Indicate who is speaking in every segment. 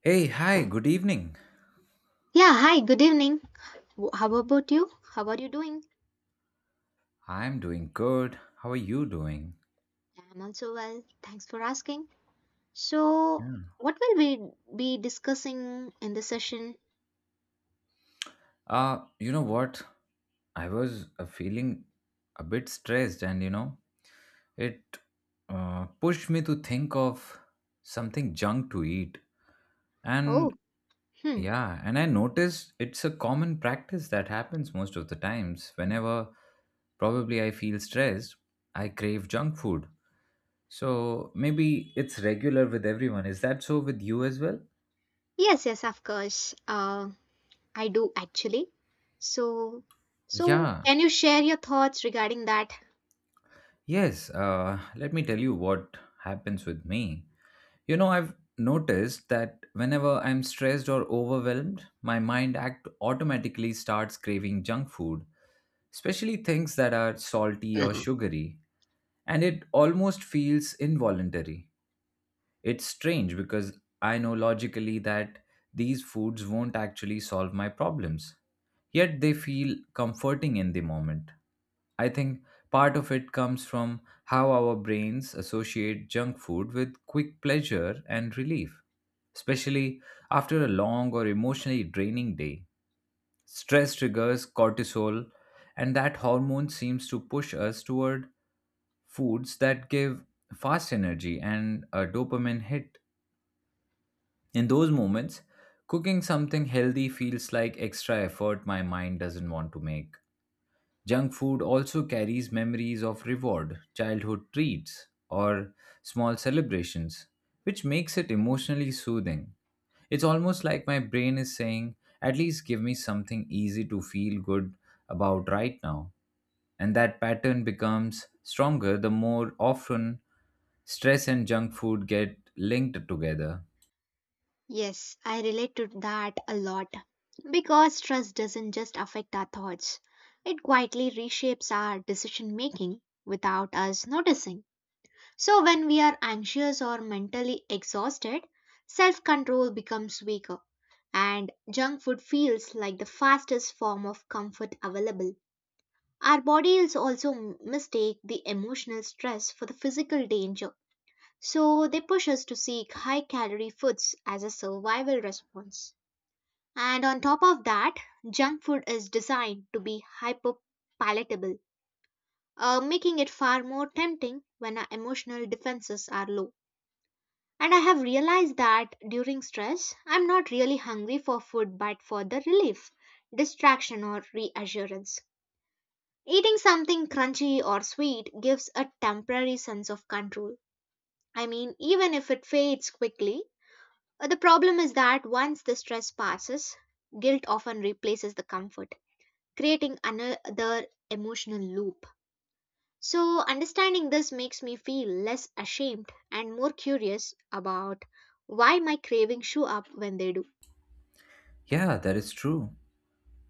Speaker 1: Hey, hi, good evening.
Speaker 2: Yeah, hi, good evening. How about you? How are you doing?
Speaker 1: I'm doing good. How are you doing?
Speaker 2: I'm also well. Thanks for asking. So,
Speaker 1: Yeah.
Speaker 2: what will we be discussing in this session?
Speaker 1: You know what? I was feeling a bit stressed, and you know, it pushed me to think of something junk to eat.
Speaker 2: Oh,
Speaker 1: And
Speaker 2: hmm.
Speaker 1: yeah, and I noticed it's a common practice that happens most of the times. Whenever probably I feel stressed, I crave junk food. So maybe it's regular with everyone. Is that so with you as well?
Speaker 2: Yes, yes, of course. I do actually. So, so
Speaker 1: Yeah.
Speaker 2: can you share your thoughts regarding that?
Speaker 1: Yes, let me tell you what happens with me. You know, I've noticed that whenever I'm stressed or overwhelmed, my mind act automatically starts craving junk food, especially things that are salty or sugary, and it almost feels involuntary. It's strange because I know logically that these foods won't actually solve my problems, yet they feel comforting in the moment. I think part of it comes from how our brains associate junk food with quick pleasure and relief, especially after a long or emotionally draining day. Stress triggers cortisol, and that hormone seems to push us toward foods that give fast energy and a dopamine hit. In those moments, cooking something healthy feels like extra effort my mind doesn't want to make. Junk food also carries memories of reward, childhood treats, or small celebrations, which makes it emotionally soothing. It's almost like my brain is saying, at least give me something easy to feel good about right now. And that pattern becomes stronger the more often stress and junk food get linked together.
Speaker 2: Yes, I relate to that a lot because trust doesn't just affect our thoughts. It quietly reshapes our decision making without us noticing. So, when we are anxious or mentally exhausted, self control becomes weaker, and junk food feels like the fastest form of comfort available. Our bodies also mistake the emotional stress for the physical danger, so they push us to seek high calorie foods as a survival response. And on top of that, junk food is designed to be hyper palatable, making it far more tempting when our emotional defenses are low. And I have realized that during stress, I'm not really hungry for food but for the relief, distraction, or reassurance. Eating something crunchy or sweet gives a temporary sense of control. I mean, even if it fades quickly, the problem is that once the stress passes, guilt often replaces the comfort, creating another emotional loop. So, understanding this makes me feel less ashamed and more curious about why my cravings show up when they do.
Speaker 1: Yeah, that is true.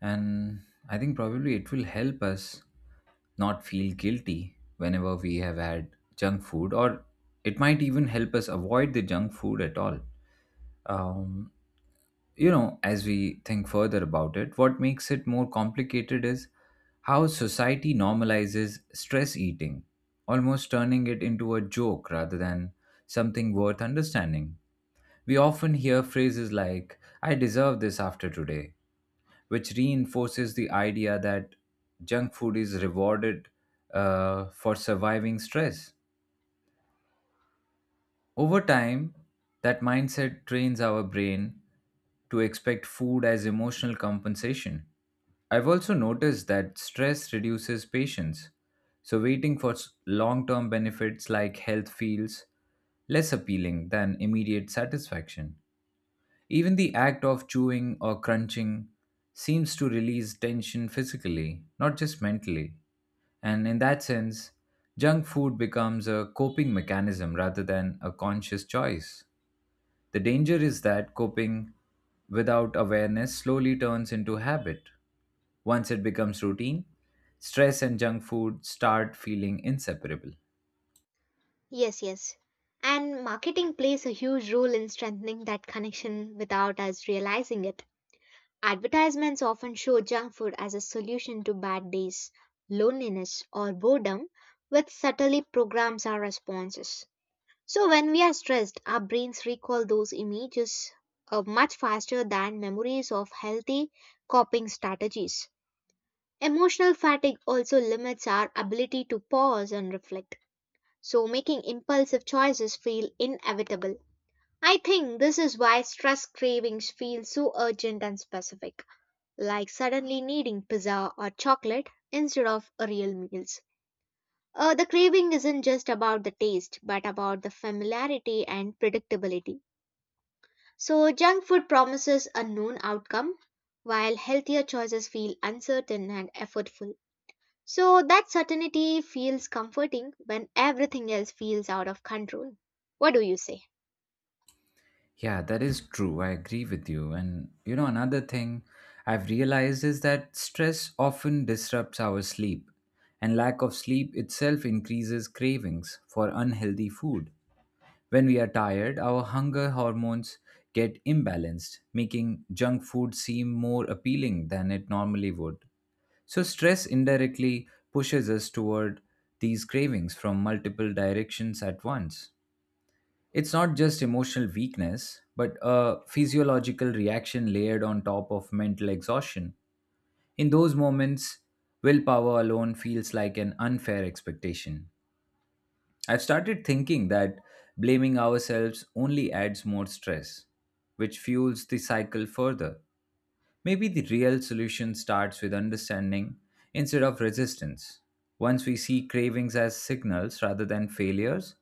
Speaker 1: And I think probably it will help us not feel guilty whenever we have had junk food, or it might even help us avoid the junk food at all. um, you know, as we think further about it, what makes it more complicated is how society normalizes stress eating, almost turning it into a joke rather than something worth understanding. We often hear phrases like I deserve this after today, which reinforces the idea that junk food is rewarded for surviving stress. Over time, that mindset trains our brain to expect food as emotional compensation. I've also noticed that stress reduces patience, so waiting for long term benefits like health feels less appealing than immediate satisfaction. Even the act of chewing or crunching seems to release tension physically, not just mentally. And in that sense, junk food becomes a coping mechanism rather than a conscious choice. The danger is that coping without awareness slowly turns into habit. Once it becomes routine, stress and junk food start feeling inseparable.
Speaker 2: Yes, yes. And marketing plays a huge role in strengthening that connection without us realizing it. Advertisements often show junk food as a solution to bad days, loneliness, or boredom, which subtly programs our responses. So, when we are stressed, our brains recall those images much faster than memories of healthy coping strategies. Emotional fatigue also limits our ability to pause and reflect, so making impulsive choices feel inevitable. I think this is why stress cravings feel so urgent and specific, like suddenly needing pizza or chocolate instead of a real meals. The craving isn't just about the taste, but about the familiarity and predictability. So, junk food promises a known outcome, while healthier choices feel uncertain and effortful. So, that certainty feels comforting when everything else feels out of control. What do you say?
Speaker 1: Yeah, that is true. I agree with you. And you know, another thing I've realized is that stress often disrupts our sleep, and lack of sleep itself increases cravings for unhealthy food. When we are tired, our hunger hormones get imbalanced, making junk food seem more appealing than it normally would. So, stress indirectly pushes us toward these cravings from multiple directions at once. It's not just emotional weakness, but a physiological reaction layered on top of mental exhaustion. In those moments, willpower alone feels like an unfair expectation. I've started thinking that blaming ourselves only adds more stress, which fuels the cycle further. Maybe the real solution starts with understanding instead of resistance. Once we see cravings as signals rather than failures,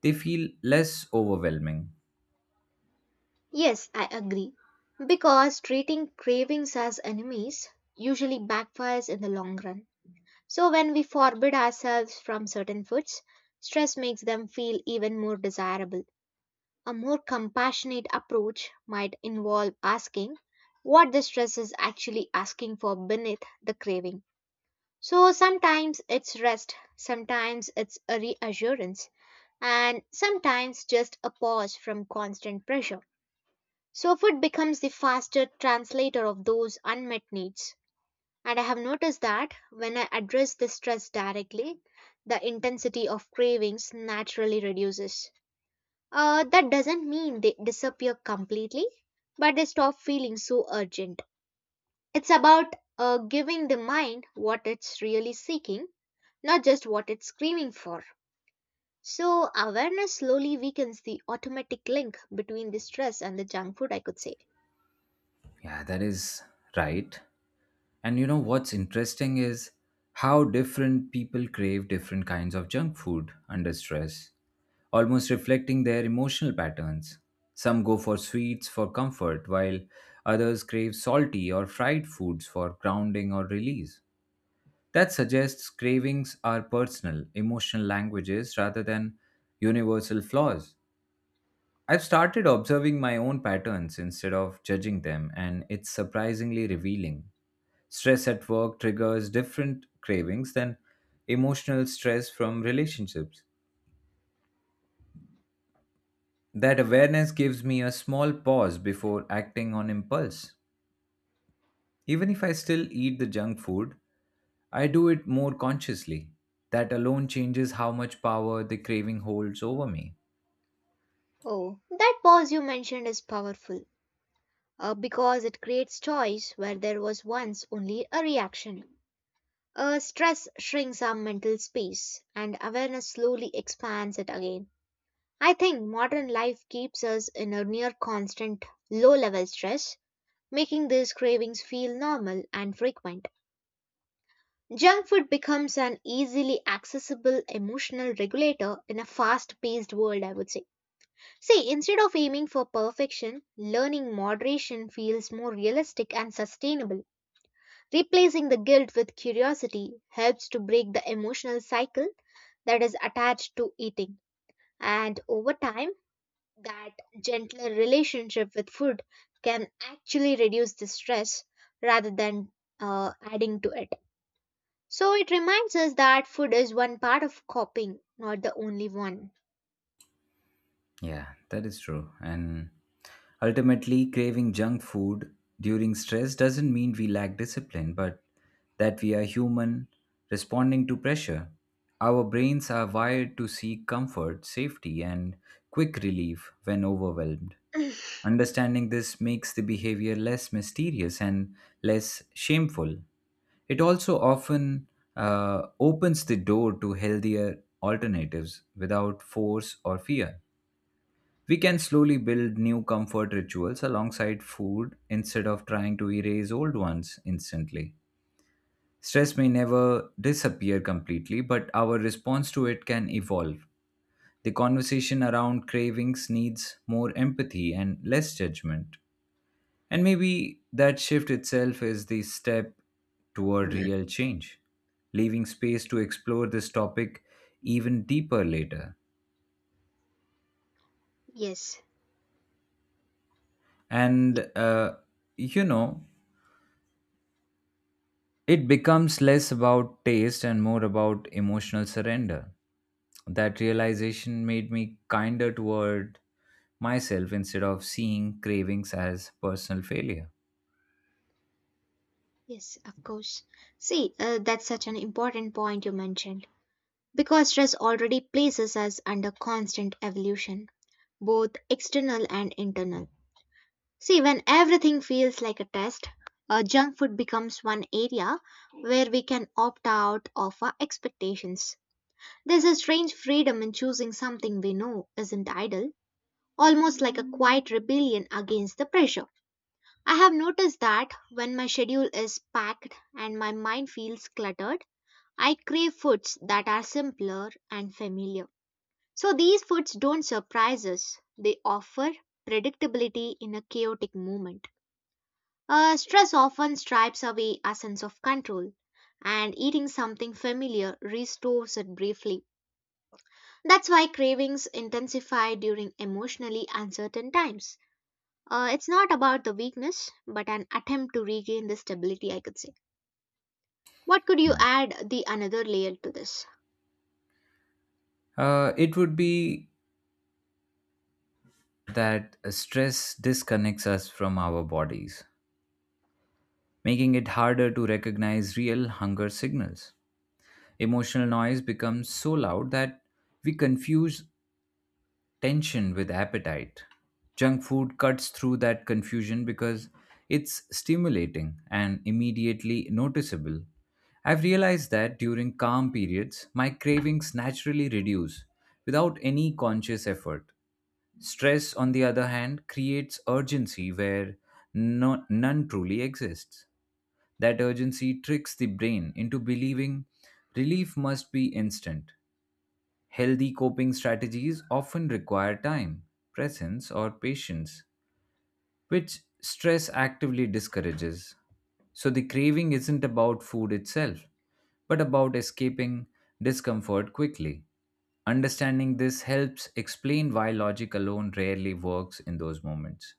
Speaker 1: they feel less overwhelming.
Speaker 2: Yes, I agree. Because treating cravings as enemies usually backfires in the long run. So, when we forbid ourselves from certain foods, stress makes them feel even more desirable. A more compassionate approach might involve asking what the stress is actually asking for beneath the craving. So sometimes it's rest, sometimes it's a reassurance, and sometimes just a pause from constant pressure. So food becomes the faster translator of those unmet needs. And I have noticed that when I address the stress directly, the intensity of cravings naturally reduces. That doesn't mean they disappear completely, but they stop feeling so urgent. It's about giving the mind what it's really seeking, not just what it's screaming for. So, awareness slowly weakens the automatic link between the stress and the junk food, I could say.
Speaker 1: Yeah, that is right. And you know what's interesting is how different people crave different kinds of junk food under stress, almost reflecting their emotional patterns. Some go for sweets for comfort, while others crave salty or fried foods for grounding or release. That suggests cravings are personal, emotional languages rather than universal flaws. I've started observing my own patterns instead of judging them, and it's surprisingly revealing. Stress at work triggers different cravings than emotional stress from relationships. That awareness gives me a small pause before acting on impulse. Even if I still eat the junk food, I do it more consciously. That alone changes how much power the craving holds over me.
Speaker 2: Oh, that pause you mentioned is powerful because it creates choice where there was once only a reaction. Stress shrinks our mental space, and awareness slowly expands it again. I think modern life keeps us in a near constant low level stress, making these cravings feel normal and frequent. Junk food becomes an easily accessible emotional regulator in a fast paced world, I would say. See, instead of aiming for perfection, learning moderation feels more realistic and sustainable. Replacing the guilt with curiosity helps to break the emotional cycle that is attached to eating. And over time, that gentler relationship with food can actually reduce the stress rather than adding to it. So it reminds us that food is one part of coping, not the only one.
Speaker 1: Yeah, that is true. And ultimately, craving junk food during stress doesn't mean we lack discipline, but that we are human responding to pressure. Our brains are wired to seek comfort, safety, and quick relief when overwhelmed. Understanding this makes the behavior less mysterious and less shameful. It also often opens the door to healthier alternatives without force or fear. We can slowly build new comfort rituals alongside food instead of trying to erase old ones instantly. Stress may never disappear completely, but our response to it can evolve. The conversation around cravings needs more empathy and less judgment. And maybe that shift itself is the step toward real change, leaving space to explore this topic even deeper later.
Speaker 2: Yes,
Speaker 1: And, uh, you know, it becomes less about taste and more about emotional surrender. That realization made me kinder toward myself instead of seeing cravings as personal failure.
Speaker 2: yes, of course. See, that's such an important point you mentioned. Because stress already places us under constant evolution, both external and internal. See, when everything feels like a test, junk food becomes one area where we can opt out of our expectations. There's a strange freedom in choosing something we know isn't idle, almost like a quiet rebellion against the pressure. I have noticed that when my schedule is packed and my mind feels cluttered, I crave foods that are simpler and familiar. So these foods don't surprise us, they offer predictability in a chaotic moment. Stress often stripes away our sense of control, and eating something familiar restores it briefly. That's why cravings intensify during emotionally uncertain times. It's not about the weakness, but an attempt to regain the stability, I could say. What could you
Speaker 1: Yeah.
Speaker 2: add the another layer to this?
Speaker 1: It would be that stress disconnects us from our bodies, making it harder to recognize real hunger signals. Emotional noise becomes so loud that we confuse tension with appetite. Junk food cuts through that confusion because it's stimulating and immediately noticeable. I've realized that during calm periods, my cravings naturally reduce without any conscious effort. Stress, on the other hand, creates urgency where no, none truly exists. That urgency tricks the brain into believing relief must be instant. Healthy coping strategies often require time, presence, or patience, which stress actively discourages. So the craving isn't about food itself, but about escaping discomfort quickly. Understanding this helps explain why logic alone rarely works in those moments.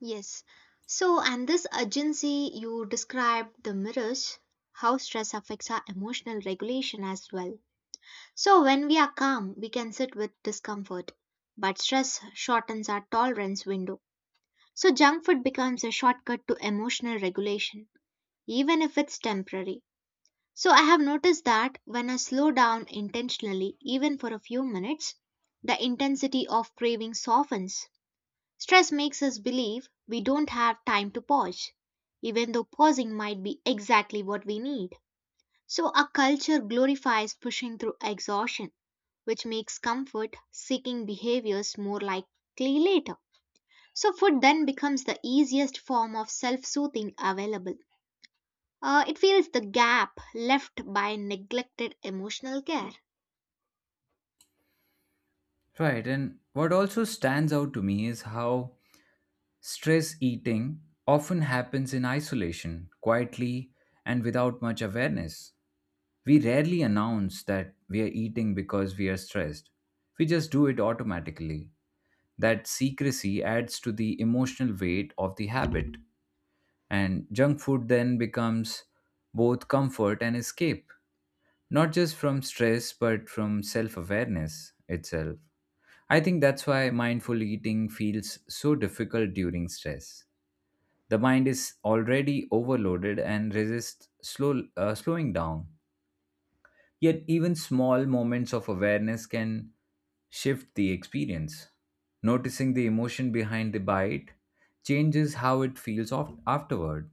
Speaker 2: Yes. So, and this urgency you described the mirrors, how stress affects our emotional regulation as well. So, when we are calm, we can sit with discomfort, but stress shortens our tolerance window. So, junk food becomes a shortcut to emotional regulation, even if it's temporary. So, I have noticed that when I slow down intentionally, even for a few minutes, the intensity of craving softens. Stress makes us believe we don't have time to pause, even though pausing might be exactly what we need. So our culture glorifies pushing through exhaustion, which makes comfort seeking behaviors more likely later. So food then becomes the easiest form of self soothing available. It fills the gap left by neglected emotional care.
Speaker 1: Right, and what also stands out to me is how stress eating often happens in isolation, quietly, and without much awareness. We rarely announce that we are eating because we are stressed. We just do it automatically. That secrecy adds to the emotional weight of the habit, and junk food then becomes both comfort and escape, not just from stress but from self awareness itself. I think that's why mindful eating feels so difficult during stress. The mind is already overloaded and resists slowing down. Yet, even small moments of awareness can shift the experience. Noticing the emotion behind the bite changes how it feels afterward.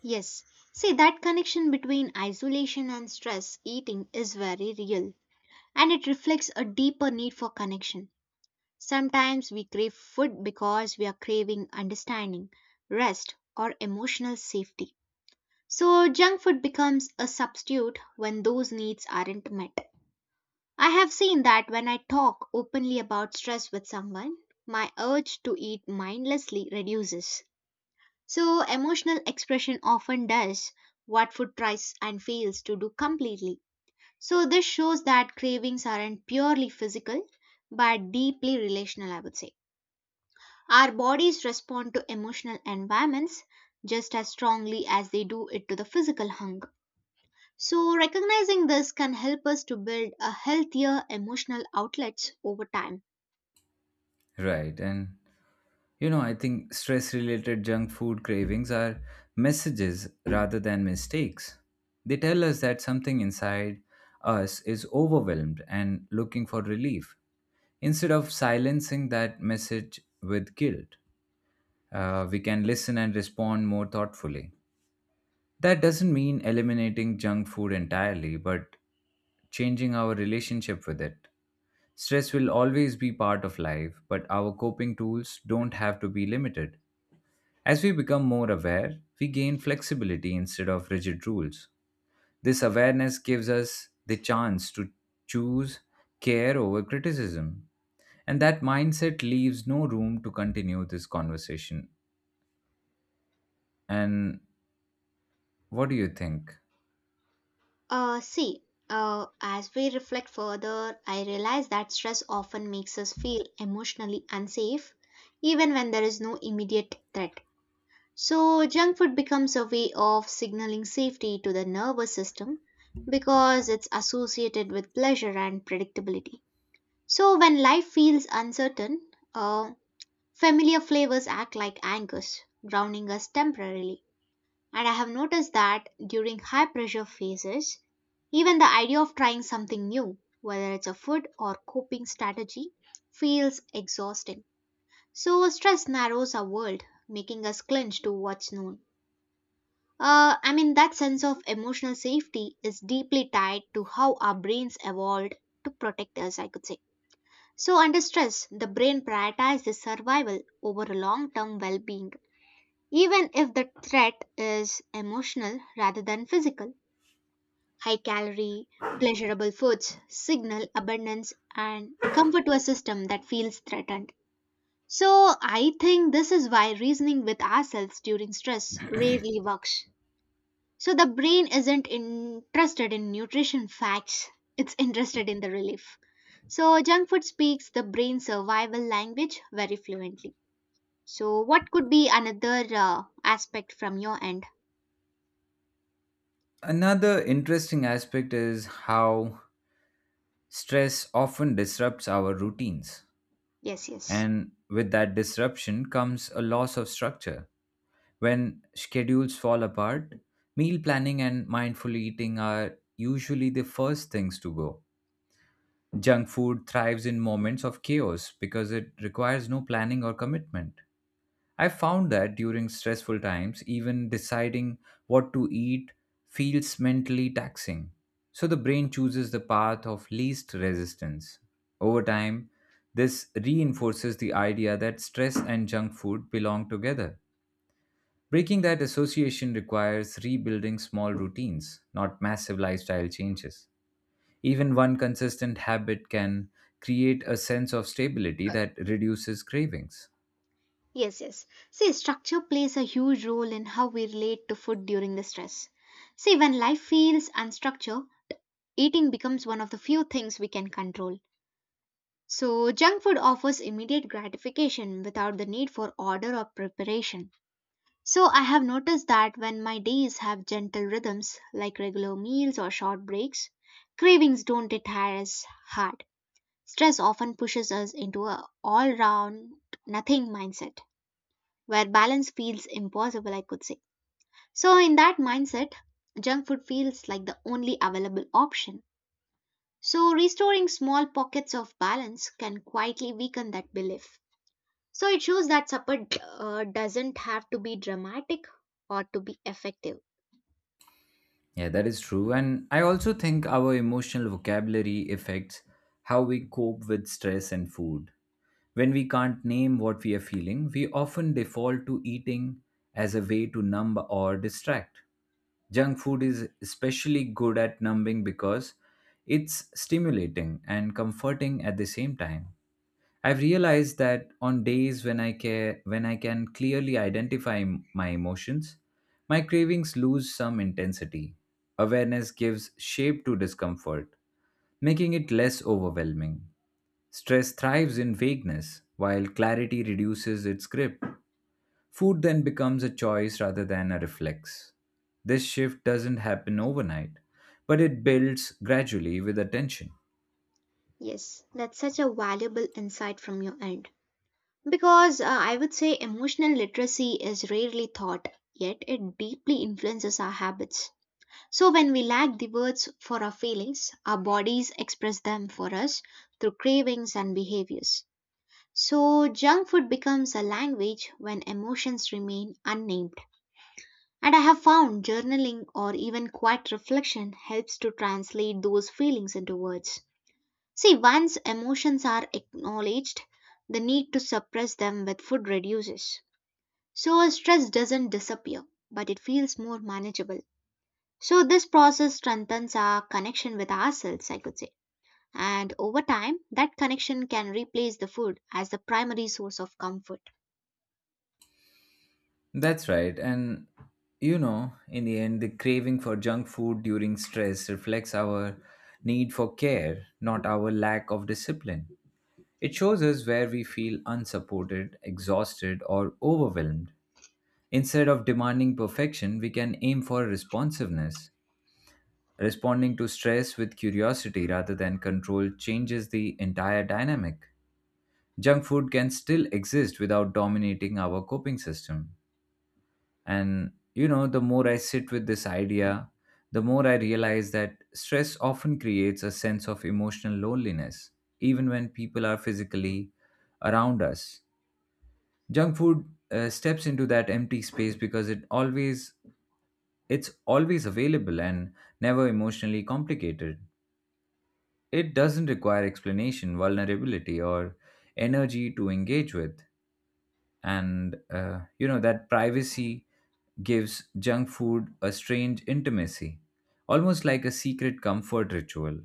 Speaker 2: Yes, see that connection between isolation and stress eating is very real and it reflects a deeper need for connection. Sometimes we crave food because we are craving understanding, rest, or emotional safety. So, junk food becomes a substitute when those needs aren't met. I have seen that when I talk openly about stress with someone, my urge to eat mindlessly reduces. So, emotional expression often does what food tries and fails to do completely. So, this shows that cravings aren't purely physical but deeply relational, I would say. Our bodies respond to emotional environments just as strongly as they do it to the physical hunger. So, recognizing this can help us to build a healthier emotional outlets over time.
Speaker 1: Right, and you know, I think stress related junk food cravings are messages rather than mistakes. They tell us that something inside us is overwhelmed and looking for relief. Instead of silencing that message with guilt, we can listen and respond more thoughtfully. That doesn't mean eliminating junk food entirely, but changing our relationship with it. Stress will always be part of life, but our coping tools don't have to be limited. As we become more aware, we gain flexibility instead of rigid rules. This awareness gives us the chance to choose care over criticism. And that mindset leaves no room to continue this conversation. And what do you think?
Speaker 2: See, as we reflect further, I realize that stress often makes us feel emotionally unsafe, even when there is no immediate threat. So, junk food becomes a way of signaling safety to the nervous system because it's associated with pleasure and predictability. So, when life feels uncertain, uh, familiar flavors act like anchors, grounding us temporarily. And I have noticed that during high pressure phases, even the idea of trying something new, whether it's a food or coping strategy, feels exhausting. So, stress narrows our world, making us clinch to what's known. I mean, that sense of emotional safety is deeply tied to how our brains evolved to protect us, I could say. So, under stress, the brain prioritizes survival over a long term well being, even if the threat is emotional rather than physical. High calorie, pleasurable foods signal abundance and comfort to a system that feels threatened. So, I think this is why reasoning with ourselves during stress rarely works. So the brain isn't interested in nutrition facts, it's interested in the relief. So junk food speaks the brain's survival language very fluently. So what could be another aspect from your end?
Speaker 1: Another interesting aspect is how stress often disrupts our routines.
Speaker 2: Yes, yes.
Speaker 1: And with that disruption comes a loss of structure. When schedules fall apart, meal planning and mindful eating are usually the first things to go. Junk food thrives in moments of chaos because it requires no planning or commitment. I found that during stressful times, even deciding what to eat feels mentally taxing. So the brain chooses the path of least resistance. Over time, this reinforces the idea that stress and junk food belong together. Breaking that association requires rebuilding small routines, not massive lifestyle changes. Even one consistent habit can create a sense of stability that reduces cravings.
Speaker 2: Yes, yes. See, structure plays a huge role in how we relate to food during the stress. See, when life feels unstructured, eating becomes one of the few things we can control. So, junk food offers immediate gratification without the need for order or preparation. So I have noticed that when my days have gentle rhythms like regular meals or short breaks, cravings don't hit us hard. Stress often pushes us into a all-round nothing mindset where balance feels impossible, I could say. So in that mindset, junk food feels like the only available option. So restoring small pockets of balance can quietly weaken that belief. So it shows that supper doesn't have to be dramatic or to be effective.
Speaker 1: Yeah, that is true. And I also think our emotional vocabulary affects how we cope with stress and food. When we can't name what we are feeling, we often default to eating as a way to numb or distract. Junk food is especially good at numbing because it's stimulating and comforting at the same time. I've realized that on days when I care when I can clearly identify my emotions, my cravings lose some intensity. Awareness gives shape to discomfort, making it less overwhelming. Stress thrives in vagueness, while clarity reduces its grip. Food then becomes a choice rather than a reflex. This shift doesn't happen overnight, but it builds gradually with attention.
Speaker 2: Yes, that's such a valuable insight from your end. Because I would say emotional literacy is rarely taught, yet it deeply influences our habits. So, when we lack the words for our feelings, our bodies express them for us through cravings and behaviors. So, junk food becomes a language when emotions remain unnamed. And I have found journaling or even quiet reflection helps to translate those feelings into words. See, once emotions are acknowledged, the need to suppress them with food reduces. So, stress doesn't disappear, but it feels more manageable. So, this process strengthens our connection with ourselves, I could say. And over time, that connection can replace the food as the primary source of comfort.
Speaker 1: That's right. And you know, in the end, the craving for junk food during stress reflects our need for care, not our lack of discipline. It shows us where we feel unsupported, exhausted, or overwhelmed. Instead of demanding perfection, we can aim for responsiveness. Responding to stress with curiosity rather than control changes the entire dynamic. Junk food can still exist without dominating our coping system. And you know, the more I sit with this idea, the more I realize that stress often creates a sense of emotional loneliness, even when people are physically around us. Junk food steps into that empty space because it's always available and never emotionally complicated. It doesn't require explanation, vulnerability, or energy to engage with. And You know, that privacy gives junk food a strange intimacy, almost like a secret comfort ritual.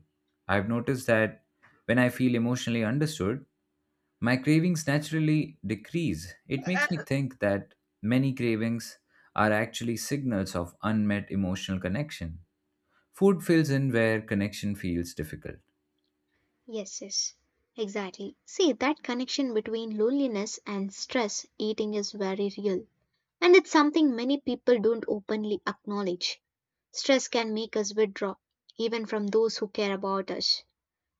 Speaker 1: I've noticed that when I feel emotionally understood, my cravings naturally decrease. It makes me think that many cravings are actually signals of unmet emotional connection. Food fills in where connection feels difficult.
Speaker 2: Yes, yes. Exactly. See, that connection between loneliness and stress eating is very real. And it's something many people don't openly acknowledge. Stress can make us withdraw, even from those who care about us,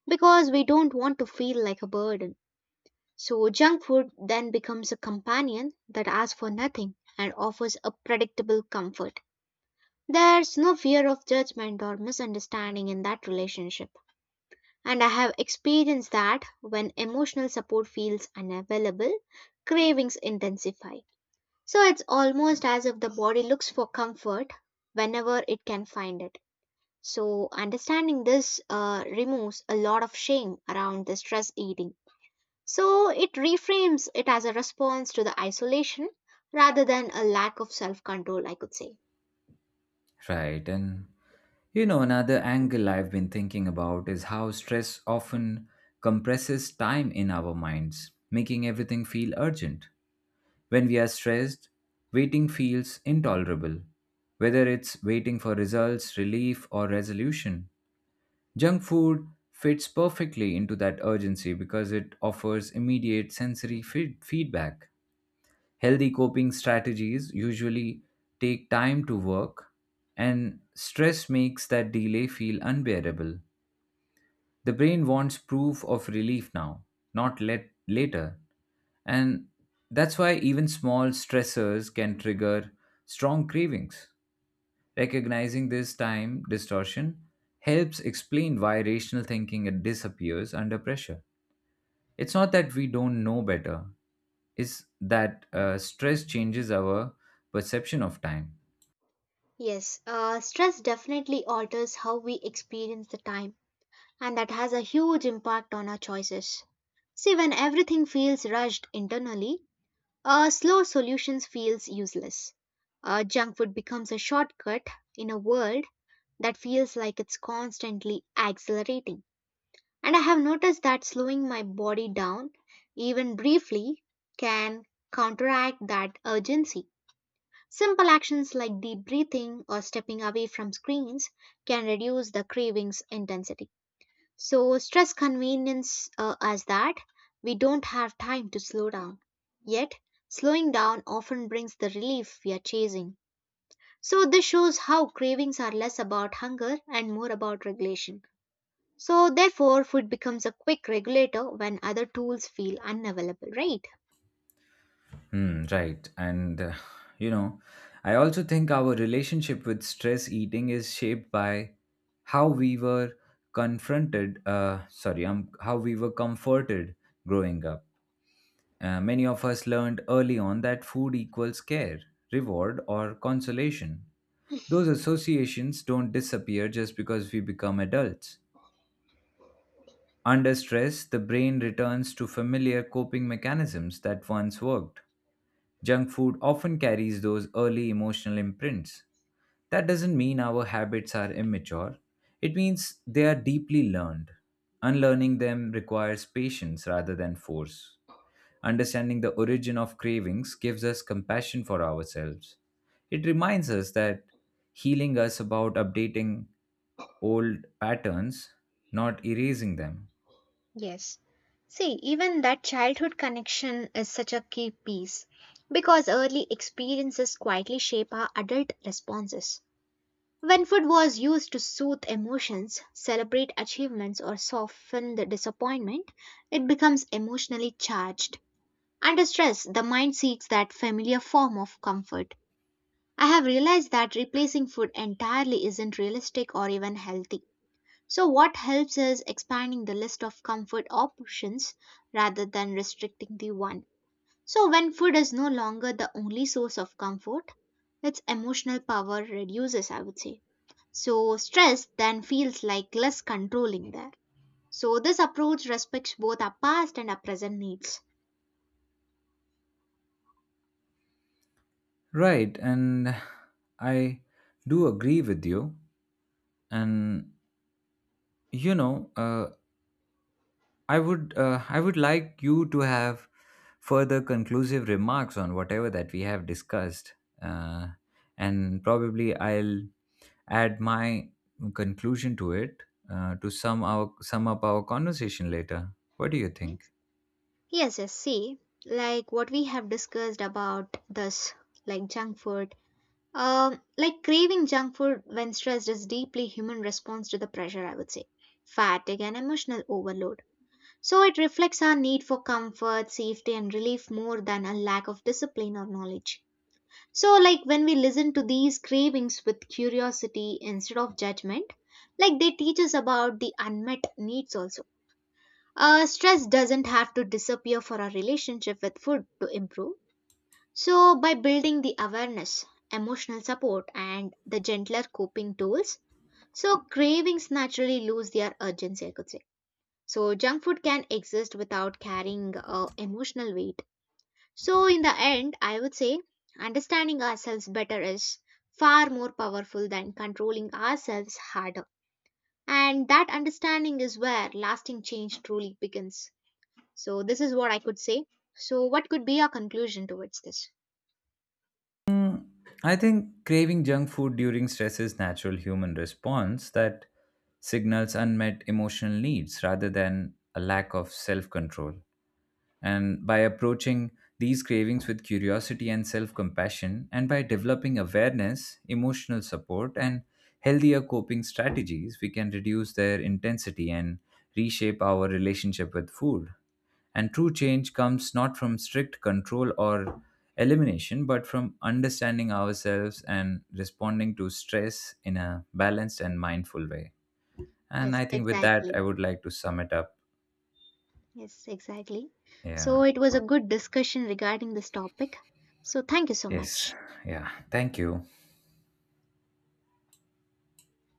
Speaker 2: because we don't want to feel like a burden. So, junk food then becomes a companion that asks for nothing and offers a predictable comfort. There's no fear of judgment or misunderstanding in that relationship. And I have experienced that when emotional support feels unavailable, cravings intensify. So it's almost as if the body looks for comfort whenever it can find it. So understanding this removes a lot of shame around the stress eating. So it reframes it as a response to the isolation rather than a lack of self control, I could say.
Speaker 1: Right, and another angle I've been thinking about is how stress often compresses time in our minds, making everything feel urgent. When we are stressed, waiting feels intolerable, whether it's waiting for results, relief, or resolution. Junk food fits perfectly into that urgency because it offers immediate sensory feedback. Healthy coping strategies usually take time to work, and stress makes that delay feel unbearable. The brain wants proof of relief now, not let later. And that's why even small stressors can trigger strong cravings. Recognizing this time distortion helps explain why rational thinking disappears under pressure. It's not that we don't know better, is that stress changes our perception of time.
Speaker 2: Yes, stress definitely alters how we experience the time, and that has a huge impact on our choices. See, when everything feels rushed internally, slow solutions feels useless. Junk food becomes a shortcut in a world that feels like it's constantly accelerating. And I have noticed that slowing my body down, even briefly, can counteract that urgency. Simple actions like deep breathing or stepping away from screens can reduce the cravings intensity. So, stress convenience as that we don't have time to slow down. Yet, slowing down often brings the relief we are chasing. So, this shows how cravings are less about hunger and more about regulation. So, therefore, food becomes a quick regulator when other tools feel unavailable, right?
Speaker 1: Hmm, right. You know, I also think our relationship with stress eating is shaped by how we were how we were comforted growing up. Many of us learned early on that food equals care, reward, or consolation. Those associations don't disappear just because we become adults. Under stress, the brain returns to familiar coping mechanisms that once worked. Junk food often carries those early emotional imprints. That doesn't mean our habits are immature, it means they are deeply learned. Unlearning them requires patience rather than force. Understanding the origin of cravings gives us compassion for ourselves. It reminds us that healing us about updating old patterns, not erasing them.
Speaker 2: Yes. See, even that childhood connection is such a key piece because early experiences quietly shape our adult responses. When food was used to soothe emotions, celebrate achievements, or soften the disappointment, it becomes emotionally charged. Under stress, the mind seeks that familiar form of comfort. I have realized that replacing food entirely isn't realistic or even healthy. So, what helps is expanding the list of comfort options rather than restricting the one. So, when food is no longer the only source of comfort, its emotional power reduces, I would say. So, stress then feels like less controlling there. So, this approach respects both our past and our present needs.
Speaker 1: Right, and I do agree with you. And you know, uh, I would like you to have further conclusive remarks on whatever that we have discussed, uh, and probably I'll add my conclusion to it, to sum up our conversation later. What do you think?
Speaker 2: Yes. Yes, yes. See, like what we have discussed about this, like junk food. Like craving junk food when stressed is deeply human response to the pressure, I would say. Fatigue and emotional overload. So it reflects our need for comfort, safety, and relief more than a lack of discipline or knowledge. So, like when we listen to these cravings with curiosity instead of judgment, like they teach us about the unmet needs also. Stress doesn't have to disappear for our relationship with food to improve. So, by building the awareness, emotional support, and the gentler coping tools, so cravings naturally lose their urgency, I could say. So junk food can exist without carrying emotional weight. So in the end, I would say understanding ourselves better is far more powerful than controlling ourselves harder. And that understanding is where lasting change truly begins. So this is what I could say. So what could be our conclusion towards this?
Speaker 1: Mm, I think craving junk food during stress is natural human response that signals unmet emotional needs rather than a lack of self-control. And by approaching these cravings with curiosity and self-compassion, and by developing awareness, emotional support and healthier coping strategies, we can reduce their intensity and reshape our relationship with food. And true change comes not from strict control or elimination, but from understanding ourselves and responding to stress in a balanced and mindful way. And
Speaker 2: Yes,
Speaker 1: I think with that,
Speaker 2: exactly.
Speaker 1: I would like to sum it up.
Speaker 2: Yes, exactly. So
Speaker 1: Yeah.
Speaker 2: it was a good discussion regarding this topic. So thank you so
Speaker 1: Yes.
Speaker 2: much.
Speaker 1: Yeah. Thank you.